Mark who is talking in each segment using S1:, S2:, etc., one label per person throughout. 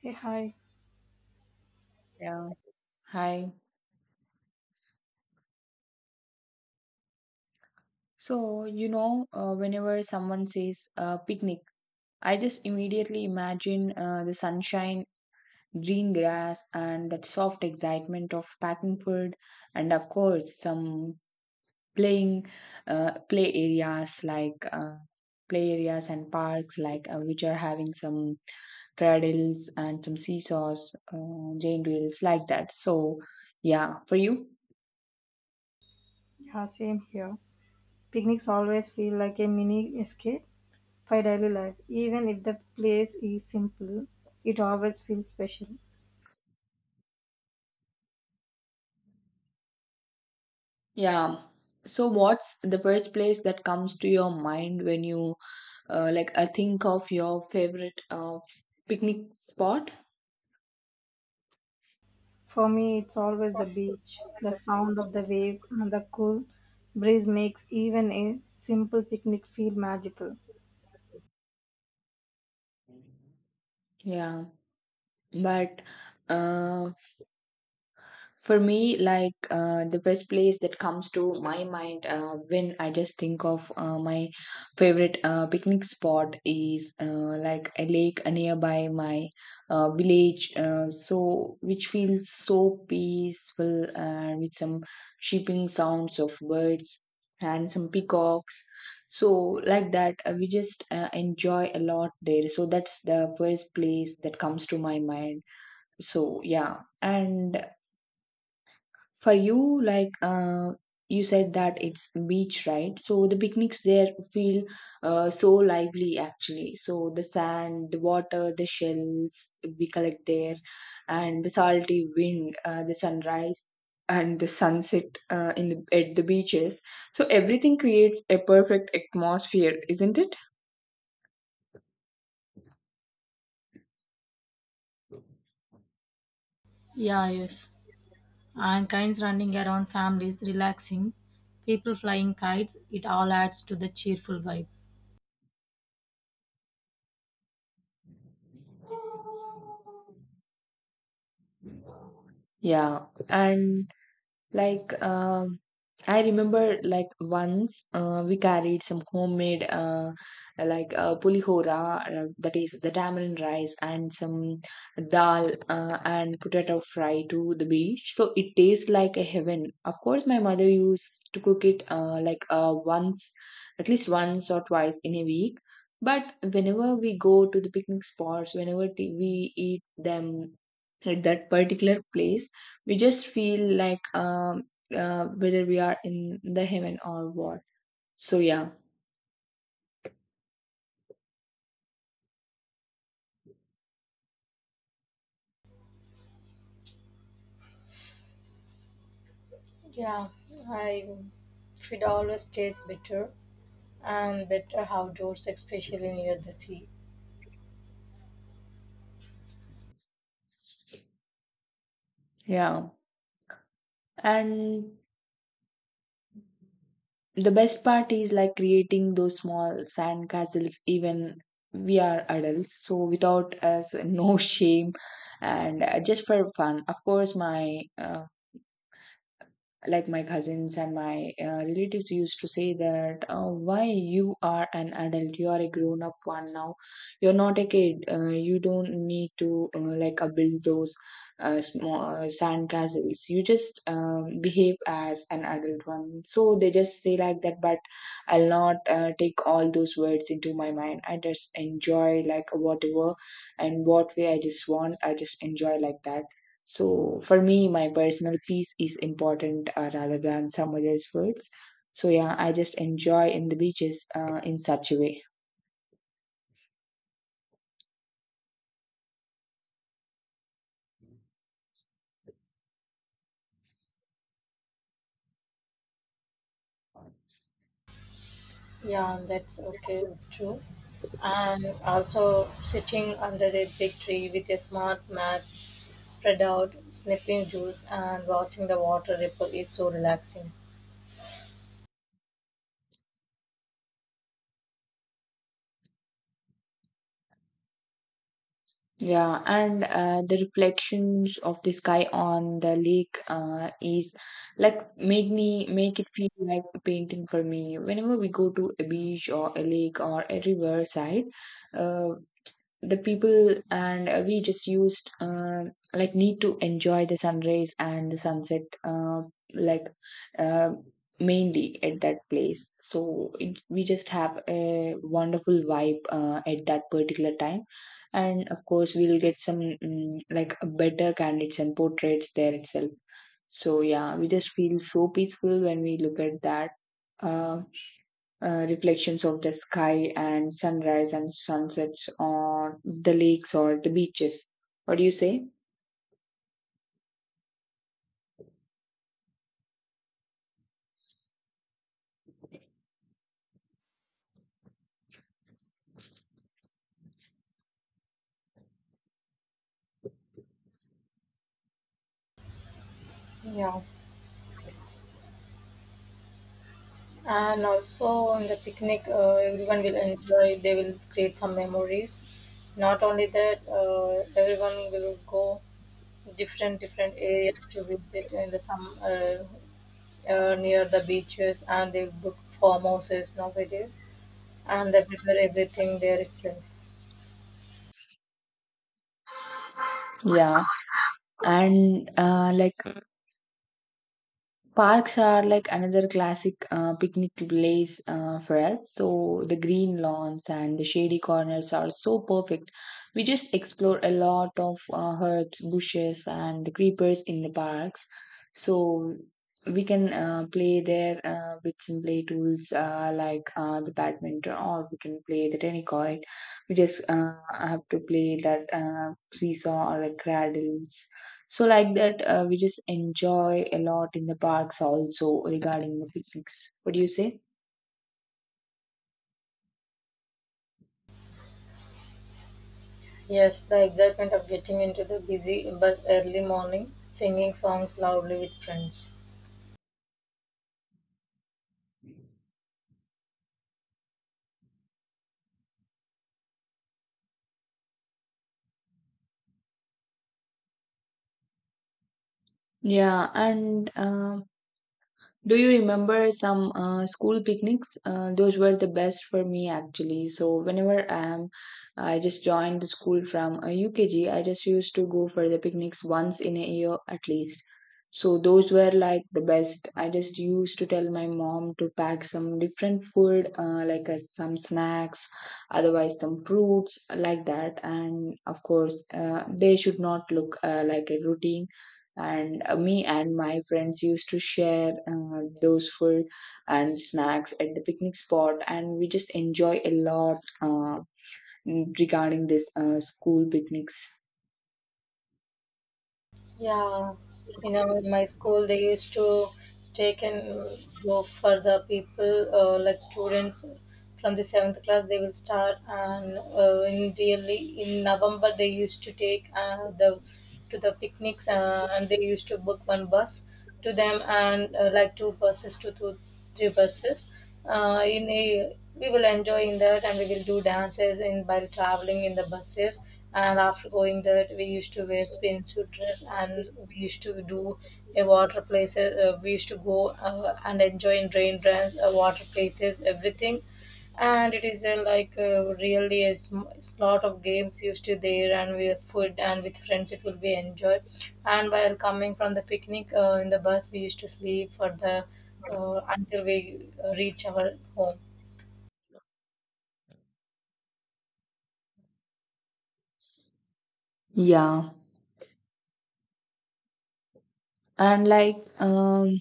S1: Hey, hi.
S2: Yeah, hi. Whenever someone says picnic, I just immediately imagine the sunshine, green grass, and that soft excitement of packing food, and of course, some playing play areas play areas and parks which are having some cradles and some seesaws, rain wheels like that. So, yeah, for you?
S1: Yeah, same here. Picnics always feel like a mini escape for daily life. Even if the place is simple, it always feels special.
S2: Yeah. So, what's the first place that comes to your mind when you think of your favorite picnic spot?
S1: For me, it's always the beach. The sound of the waves and the cool breeze makes even a simple picnic feel magical.
S2: Yeah, but uh, for me, the best place that comes to my mind when I just think of my favorite picnic spot is like a lake nearby my village, so which feels so peaceful with some chirping sounds of birds and some peacocks. So like that, we just enjoy a lot there. So that's the first place that comes to my mind. So yeah, and for you, you said that it's beach, right? So the picnics there feel so lively actually. So the sand, the water, the shells we collect there, and the salty wind, the sunrise. And the sunset in the at the beaches, so everything creates a perfect atmosphere, isn't it?
S1: Yeah, yes. And kinds running around, families relaxing, people flying kites, it all adds to the cheerful vibe.
S2: Yeah, and Like, um, I remember like once we carried some homemade pulihora that is the tamarind rice and some dal and potato fry to the beach. So it tastes like a heaven. Of course, my mother used to cook it once, at least once or twice in a week. But whenever we go to the picnic spots, whenever we eat them at that particular place, we just feel like whether we are in the heaven or what, so yeah.
S1: Yeah, I should always taste better and better outdoors, especially near the sea.
S2: Yeah, and the best part is like creating those small sand castles even we are adults, so without us no shame. And just for fun, of course my like my cousins and my relatives used to say that why you are an adult, you are a grown up one now, you're not a kid, you don't need to build those small sand castles, you just behave as an adult one. So they just say like that, but I'll not take all those words into my mind. I just enjoy like whatever and what way I just want, I just enjoy like that. So for me, my personal peace is important rather than someone else's words. So yeah, I just enjoy in the beaches in such a way.
S1: Yeah, that's okay, true. And also sitting under a big tree with a smart mat spread out, sniffing juice and watching the water ripple is so relaxing.
S2: Yeah, and the reflections of the sky on the lake is like make it feel like a painting for me. Whenever we go to a beach or a lake or a riverside, uh, the people and we just used like need to enjoy the sunrise and the sunset like uh, mainly at that place, so it, we just have a wonderful vibe at that particular time. And of course we'll get some like better candidates and portraits there itself. So yeah, we just feel so peaceful when we look at that uh, reflections of the sky and sunrise and sunsets on the lakes or the beaches. What do you say?
S1: Yeah, and also on the picnic, everyone will enjoy. They will create some memories. Not only that, everyone will go different different areas to visit and some near the beaches, and they book farmhouses nowadays and they prepare everything there itself.
S2: Yeah, and parks are like another classic picnic place for us. So the green lawns and the shady corners are so perfect. We just explore a lot of herbs, bushes, and the creepers in the parks. So we can play there with some play tools the badminton, or we can play the tennis court. We just have to play that seesaw or a cradle. So like that, we just enjoy a lot in the parks also regarding the picnics. What do you say?
S1: Yes, the excitement of getting into the busy bus early morning, singing songs loudly with friends.
S2: Yeah, and Do you remember some school picnics? Those were the best for me actually. So I just joined the school from UKG. I just used to go for the picnics once in a year at least. So those were like the best. I just used to tell my mom to pack some different food, some snacks, otherwise some fruits like that. And of course, they should not look like a routine. And me and my friends used to share those food and snacks at the picnic spot, and we just enjoy a lot regarding this school picnics.
S1: Yeah, you know, in my school they used to take and go for the people, like students from the seventh class. They will start, and in really in November they used to take the to the picnics, and they used to book one bus to them and like two buses to 2 3 buses in a, we will enjoy in that and we will do dances in by traveling in the buses. And after going that we used to wear spin suit dress and we used to do a water places, we used to go and enjoy in rain dance, water places, everything. And it is a, really a, it's lot of games used to there, and with food and with friends it will be enjoyed. And while coming from the picnic, in the bus we used to sleep for the until we reach our home.
S2: Yeah, and like um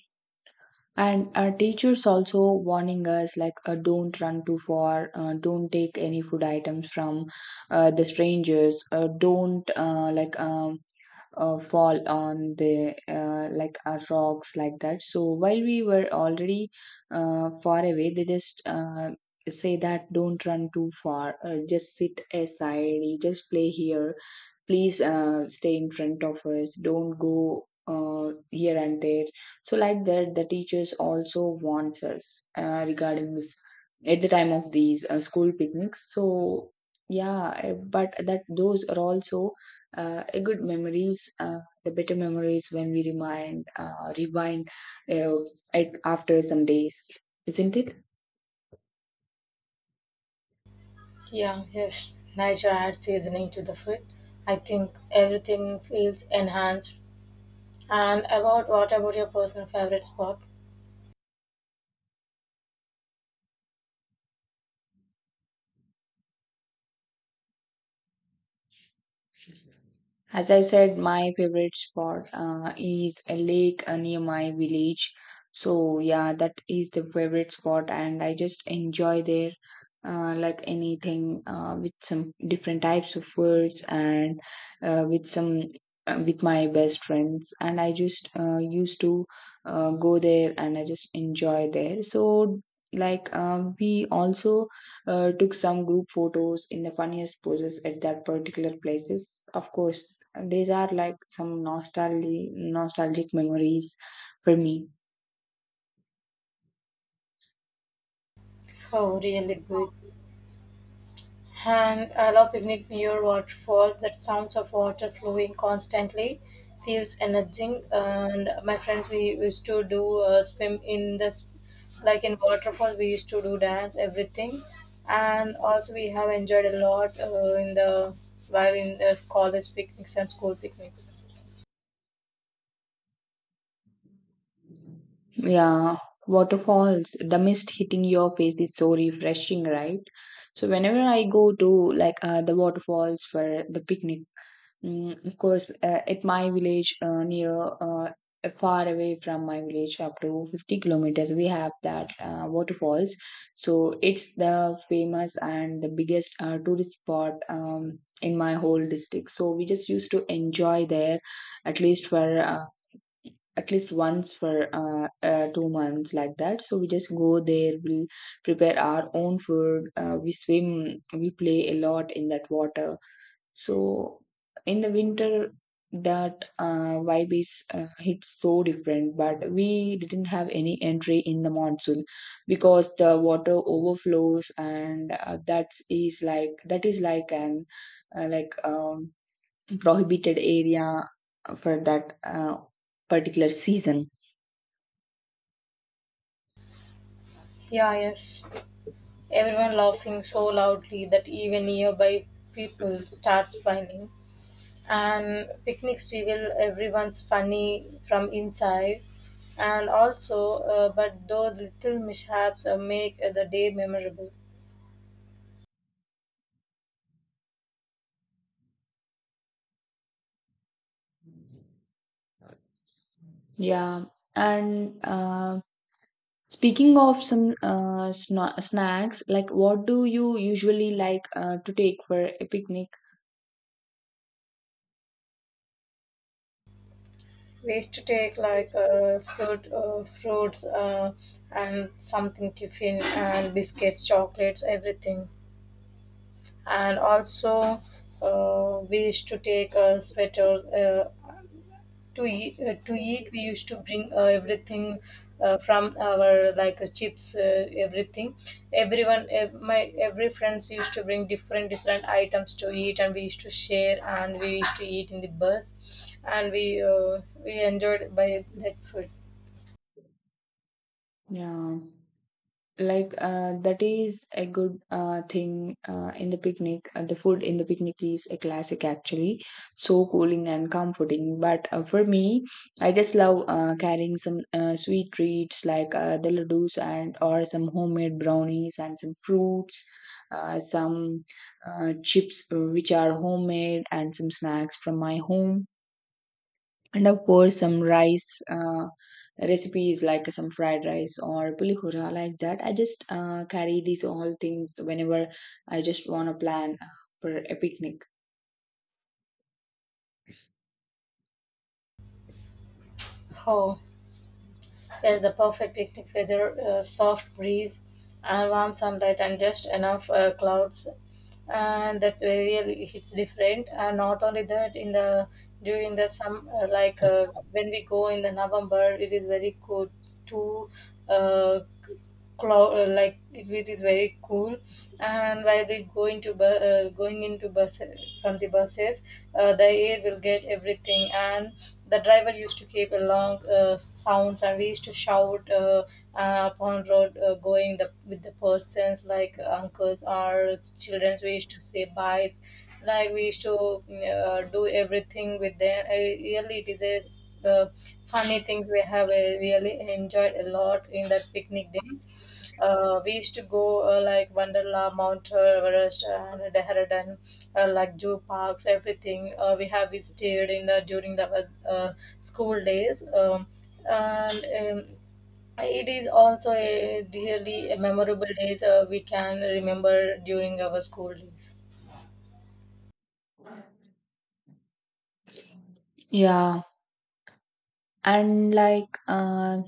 S2: and our teachers also warning us like don't run too far, don't take any food items from the strangers, don't like fall on the rocks like that. So while we were already far away, they just say that don't run too far, just sit aside, you just play here, please stay in front of us, don't go here and there. So like that, the teachers also warns us regarding this at the time of these school picnics. So yeah, but that those are also a good memories, the better memories when we remind rewind uh, after some days, isn't it?
S1: Yeah, yes, nature adds seasoning to the food. I think everything feels enhanced. And about, what about your personal favorite spot?
S2: As I said, my favorite spot is a lake near my village. So yeah, that is the favorite spot, and I just enjoy there, like anything with some different types of foods and uh, with some with my best friends. And I just used to go there, and I just enjoy there. So we also took some group photos in the funniest poses at that particular places. Of course these are like some nostalgic memories for me.
S1: Oh, really good. And allow picnic near waterfalls. That sounds of water flowing constantly feels energizing. And my friends, we used to do swim in this, like in waterfall. We used to do dance, everything. And also, we have enjoyed a lot in the while in the college picnics and school picnics.
S2: Yeah, waterfalls, the mist hitting your face is so refreshing, right? So whenever I go to the waterfalls for the picnic. Of course, at my village, near uh, far away from my village, up to 50 kilometers, we have that waterfalls. So it's the famous and the biggest tourist spot in my whole district. So we just used to enjoy there at least for uh, at least once for 2 months like that. So we just go there, we'll prepare our own food, we swim, we play a lot in that water. So in the winter, that vibe is hits so different. But we didn't have any entry in the monsoon because the water overflows, and that is like an uh, like um, prohibited area for that particular season.
S1: Yeah. Yes. Everyone laughing so loudly that even nearby people start smiling. And picnics reveal everyone's funny from inside. And also, but those little mishaps make the day memorable.
S2: Yeah, and speaking of some snacks, like what do you usually like to take for a picnic?
S1: We used to take like fruits, and something tiffin and biscuits, chocolates, everything. And also, we used to take sweaters to eat, to eat we used to bring everything from our like chips, everything. Everyone, my every friends used to bring different different items to eat, and we used to share and we used to eat in the bus, and we enjoyed by that food.
S2: Yeah, that is a good thing in the picnic. The food in the picnic is a classic, actually, so cooling and comforting. But for me, I just love carrying some sweet treats the ladoos, and or some homemade brownies and some fruits, some chips which are homemade, and some snacks from my home, and of course some rice recipes like some fried rice or pulihora like that. I just carry these all things whenever I just want to plan for a picnic.
S1: Oh, yes, the perfect picnic weather, soft breeze, and warm sunlight, and just enough clouds. And that's where really hits different. And not only that, in the during the like when we go in the November, it is very good to uh, cloud, like it is very cool. And while we going to going into bus from the buses, the air will get everything. And the driver used to keep a long sounds, and we used to shout, upon road going the with the persons like uncles or children, we used to say byes like we used to do everything with them. Really it is funny things we have really enjoyed a lot in that picnic day. We used to go like Wonderla, Mount Everest, and Dehradun, like zoo parks, everything. We have stayed in the during the school days, and. Um, it is also a really memorable days we can remember during our school days.
S2: Yeah, and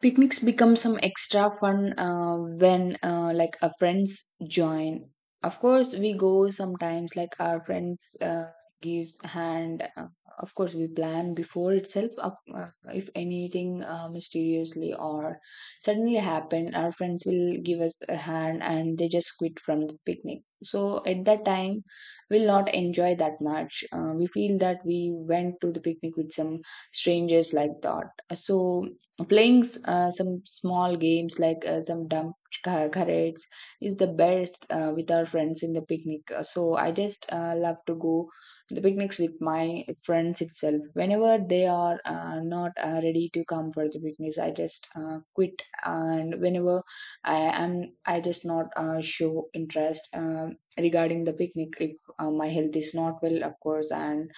S2: picnics become some extra fun when our friends join. Of course, we go sometimes like our friends gives hand. Of course, we plan before itself. If anything mysteriously or suddenly happen, our friends will give us a hand and they just quit from the picnic. So at that time, we'll not enjoy that much. We feel that we went to the picnic with some strangers like that. So playing some small games like some dump carrots is the best with our friends in the picnic. So I just love to go to the picnics with my friends itself. Whenever they are not ready to come for the picnics, I just quit. And whenever i am I just not show interest regarding the picnic, if my health is not well of course, and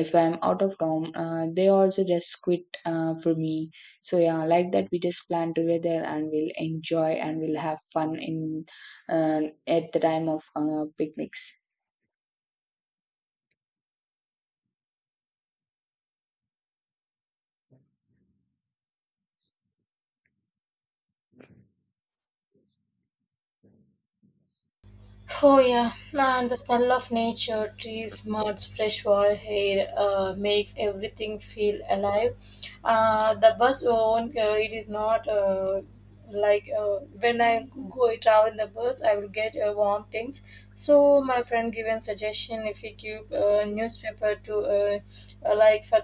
S2: if I'm out of town, they also just quit for me. So yeah, like that we just plan together and we'll enjoy and we'll have fun in at the time of picnics.
S1: Oh yeah, man! The smell of nature, trees, muds, fresh water, air makes everything feel alive. The bus won't. It is not when I go travel in the bus, I will get warm things. So my friend given suggestion, if we give newspaper to like for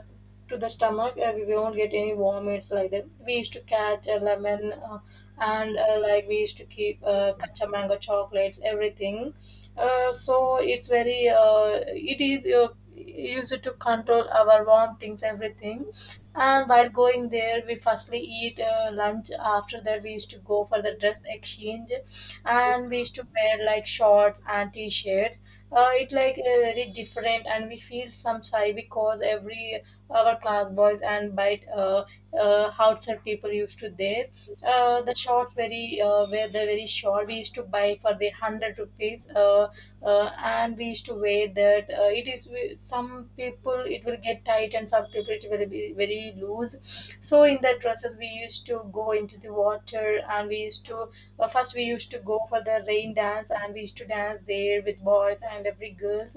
S1: to the stomach, we won't get any vomits like that. We used to catch a lemon. And like we used to keep kacha mango chocolates, everything. Uh, so it's very it is used to control our warm things, everything. And while going there, we firstly eat lunch. After that, we used to go for the dress exchange, and we used to wear like shorts and t-shirts. Uh, it like very different, and we feel some sigh because every our class boys and bite, outside people used to there. Uh, the shorts very were they very short. We used to buy for the hundred rupees, and we used to wear that. It is some people it will get tight, and some people it will be very loose. So in the dresses we used to go into the water, and we used to first, we used to go for the rain dance, and we used to dance there with boys and every girls.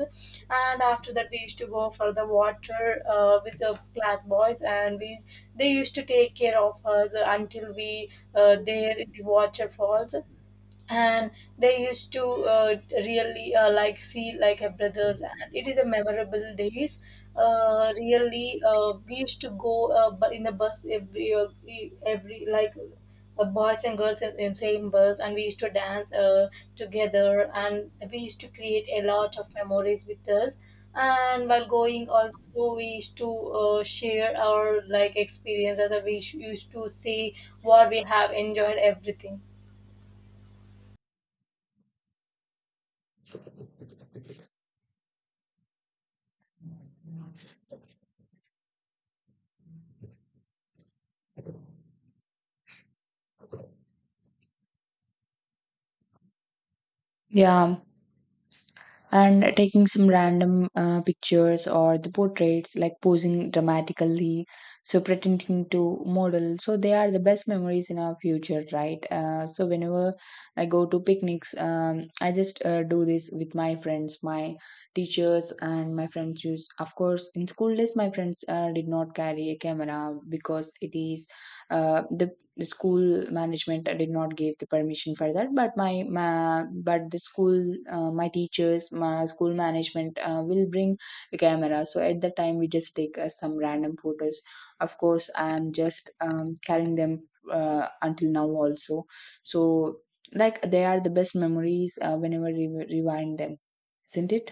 S1: And after that, we used to go for the water with the class boys, and we they used to take care of us until we there in the waterfalls, and they used to really like see like her brothers. And it is a memorable days. Uh, really we used to go in the bus every every like boys and girls in same bus, and we used to dance together, and we used to create a lot of memories with us. And while going also, we used to share our like experiences, and we used to see what we have enjoyed, everything.
S2: Yeah, and taking some random pictures or the portraits, like posing dramatically, so pretending to model. So they are the best memories in our future, right? So whenever I go to picnics, I just do this with my friends, my teachers and my friends use. Of course in school days my friends did not carry a camera because it is uh, the the school management did not give the permission for that, but my but the school, my teachers, my school management will bring a camera. So at that time we just take some random photos. Of course I am just carrying them until now also. So like they are the best memories whenever we rewind them, isn't it?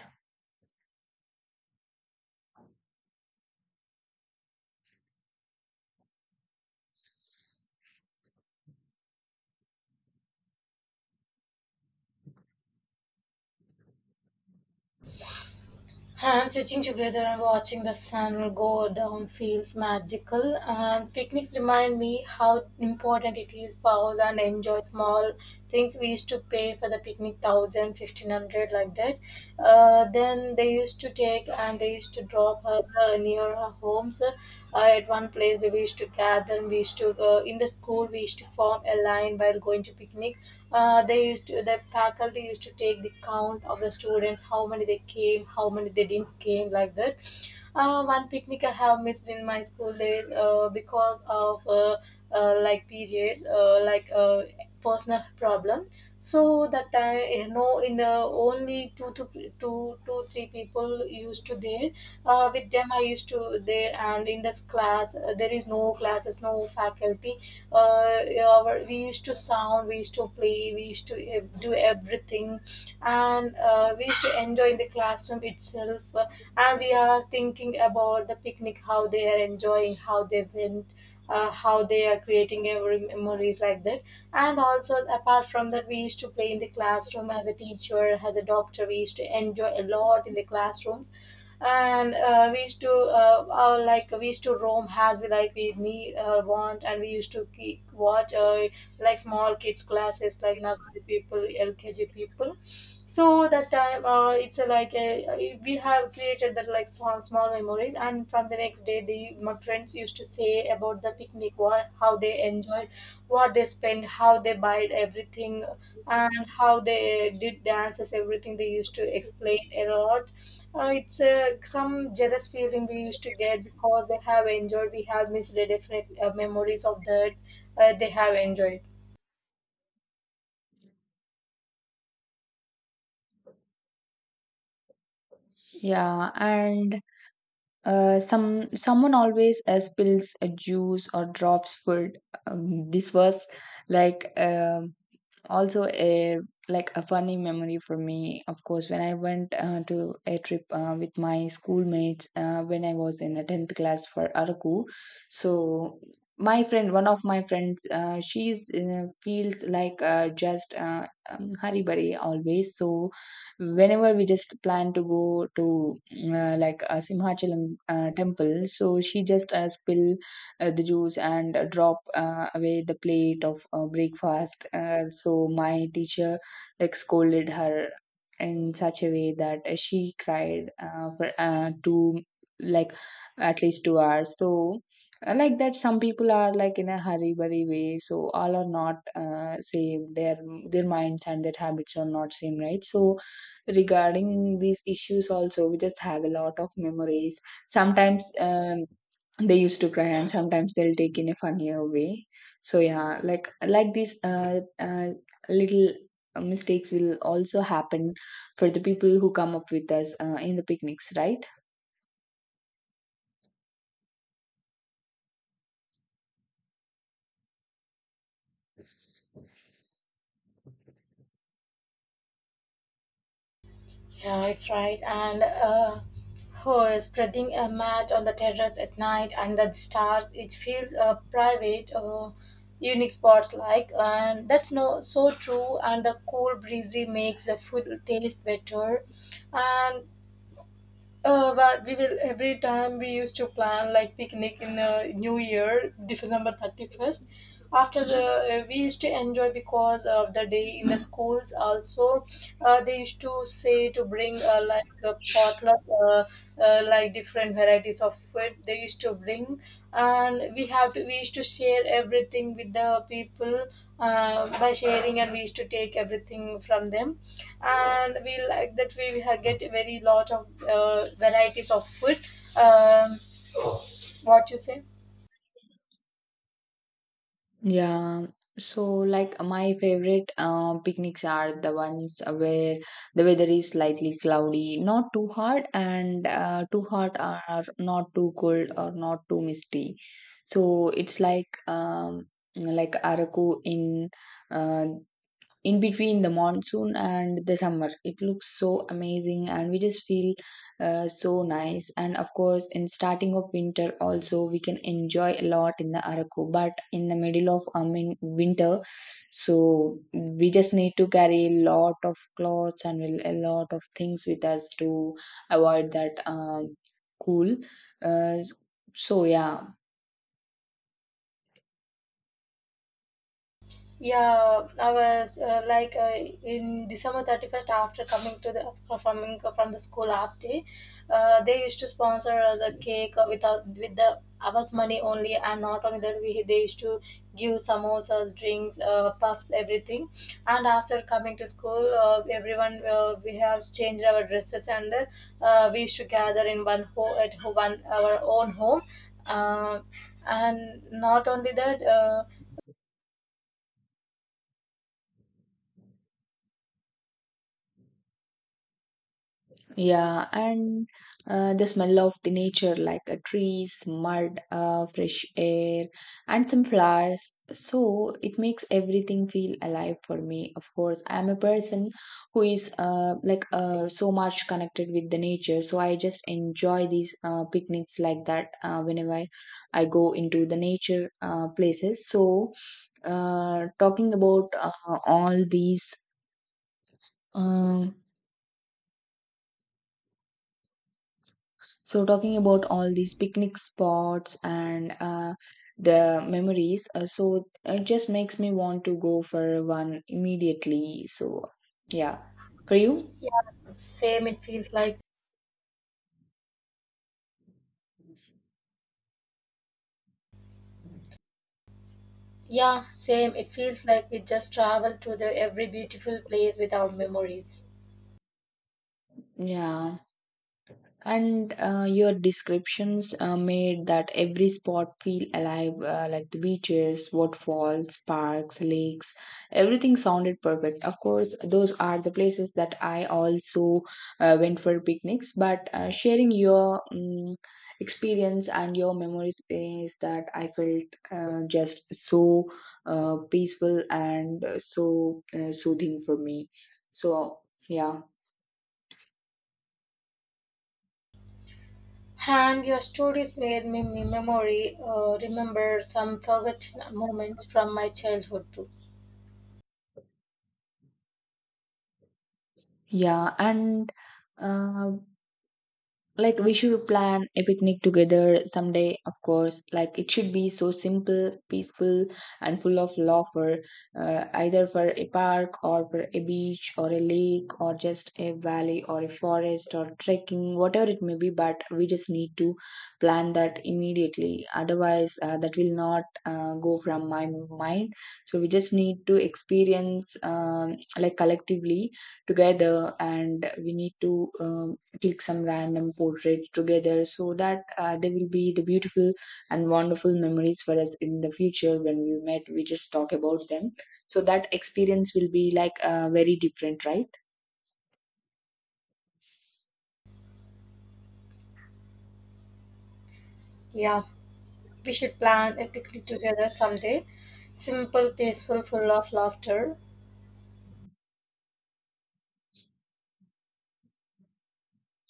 S1: And sitting together and watching the sun go down feels magical. And picnics remind me how important it is pause and enjoy small things. We used to pay for the picnic 1,000, 1,500 like that. Then they used to take and they used to drop her near her homes. At one place we used to gather. And we used to, in the school we used to form a line while going to picnic. They used to, the faculty used to take the count of the students, how many they came, how many they didn't came, like that. One picnic I have missed in my school days because of like periods, personal problem. So that time, you know, in the only two to two, two, three people used to there. With them, I used to there, and in this class, there is no class classes, no faculty. Uh, our, we used to sound, we used to play, we used to do everything, and we used to enjoy in the classroom itself. And we are thinking about the picnic, how they are enjoying, how they went. How they are creating every memories, like that. And also, apart from that, we used to play in the classroom as a teacher, as a doctor, we used to enjoy a lot in the classrooms. And we used to like we used to roam as we like we need want. And we used to keep, watch, like small kids classes like nursery people, LKG people. So that time, it's a, like a, we have created that like small small memories. And from the next day, the my friends used to say about the picnic, what, how they enjoyed, what they spent, how they buy, everything, and how they did dances, everything they used to explain a lot. Uh, it's some jealous feeling we used to get, because they have enjoyed, we have missed the definite memories of that they have enjoyed.
S2: Yeah, and some someone always spills a juice or drops food. This was like also a like a funny memory for me. Of course when I went to a trip with my schoolmates when I was in the 10th class for araku. So my friend, one of my friends, she's feels like just haribari always. So whenever we just plan to go to like a simhachalam temple, so she just spill the juice and drop away the plate of breakfast. So my teacher like scolded her in such a way that she cried for two, like at least 2 hours. So like that, some people are like in a hurry burry way. So all are not same. Their minds and their habits are not same, right? So regarding these issues also we just have a lot of memories. Sometimes they used to cry and sometimes they'll take in a funnier way. So yeah, like these little mistakes will also happen for the people who come up with us in the picnics, right?
S1: Yeah, it's right. And oh, spreading a mat on the terrace at night under the stars, it feels a private unique spots like. And that's no so true, and the cool breezy makes the food taste better. And, uh, but we will every time we used to plan like picnic in New Year, December 31st. After the, we used to enjoy because of the day in the schools. Also, they used to say to bring like a potluck, like different varieties of food they used to bring, and we have to we used to share everything with the people by sharing, and we used to take everything from them. And we, like that we get very lot of varieties of food. um, what you say?
S2: Yeah, so like my favorite picnics are the ones where the weather is slightly cloudy, not too hot and too hot or not too cold or not too misty. So it's like araku uh, in between the monsoon and the summer. It looks so amazing and we just feel so nice. And of course in starting of winter also we can enjoy a lot in the araku, but in the middle of, I mean, winter, so we just need to carry a lot of clothes and a lot of things with us to avoid that cool uh, so yeah.
S1: Yeah, I was in December 31st, after coming to the performing from the school half day, they used to sponsor the cake without with the hours money only. And not only that, we they used to give samosas, drinks, puffs, everything. And after coming to school, everyone, we have changed our dresses, and we used to gather in one ho- at ho- one our own home, uh, and not only that. Uh.
S2: Yeah, and the smell of the nature, like trees, mud, fresh air, and some flowers. So it makes everything feel alive for me. Of course, I'm a person who is so much connected with the nature. So I just enjoy these picnics like that whenever I go into the nature places. So talking about all these. Um So, talking about all these picnic spots and, the memories, so it just makes me want to go for one immediately. So, yeah. For you?
S1: Same, it feels like, yeah, same, it feels like we just traveled to the every beautiful place with our memories.
S2: Yeah. And your descriptions made that every spot feel alive, like the beaches, waterfalls, parks, lakes. Everything sounded perfect. Of course, those are the places that I also went for picnics. But sharing your experience and your memories, is that I felt just so peaceful and soothing for me. So yeah,
S1: And your stories made me me memory remember some forgotten moments from my childhood too.
S2: yeah, and. Uh, Like we should plan a picnic together someday, of course. Like it should be so simple, peaceful, and full of laughter, either for a park or for a beach or a lake or just a valley or a forest or trekking, whatever it may be. But we just need to plan that immediately. Otherwise, that will not go from my mind. So we just need to experience, like collectively together, and we need to. Um, Take some random portrait together so that they will be the beautiful and wonderful memories for us in the future. When we met, we just talk about them, so that experience will be like very different, right?
S1: Yeah, we should plan a picnic together someday. Simple, peaceful, full of laughter.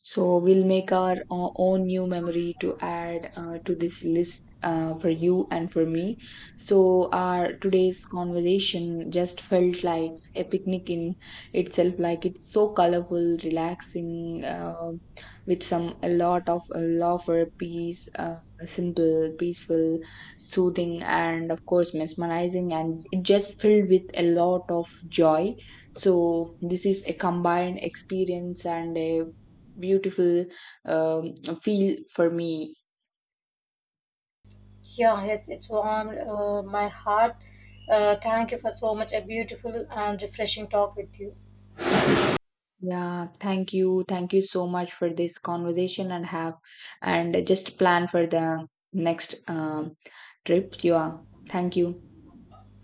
S2: So we'll make our own new memory to add to this list for you and for me. So our today's conversation just felt like a picnic in itself. Like it's so colorful, relaxing, with some a lot of love for peace, simple, peaceful, soothing, and of course mesmerizing, and it just filled with a lot of joy. So this is a combined experience and a beautiful um, feel for me.
S1: Yeah, it's warmed my heart. Thank you for so much a beautiful and refreshing talk with you.
S2: Yeah, thank you. Thank you so much for this conversation. And just plan for the next trip. Yeah, thank you.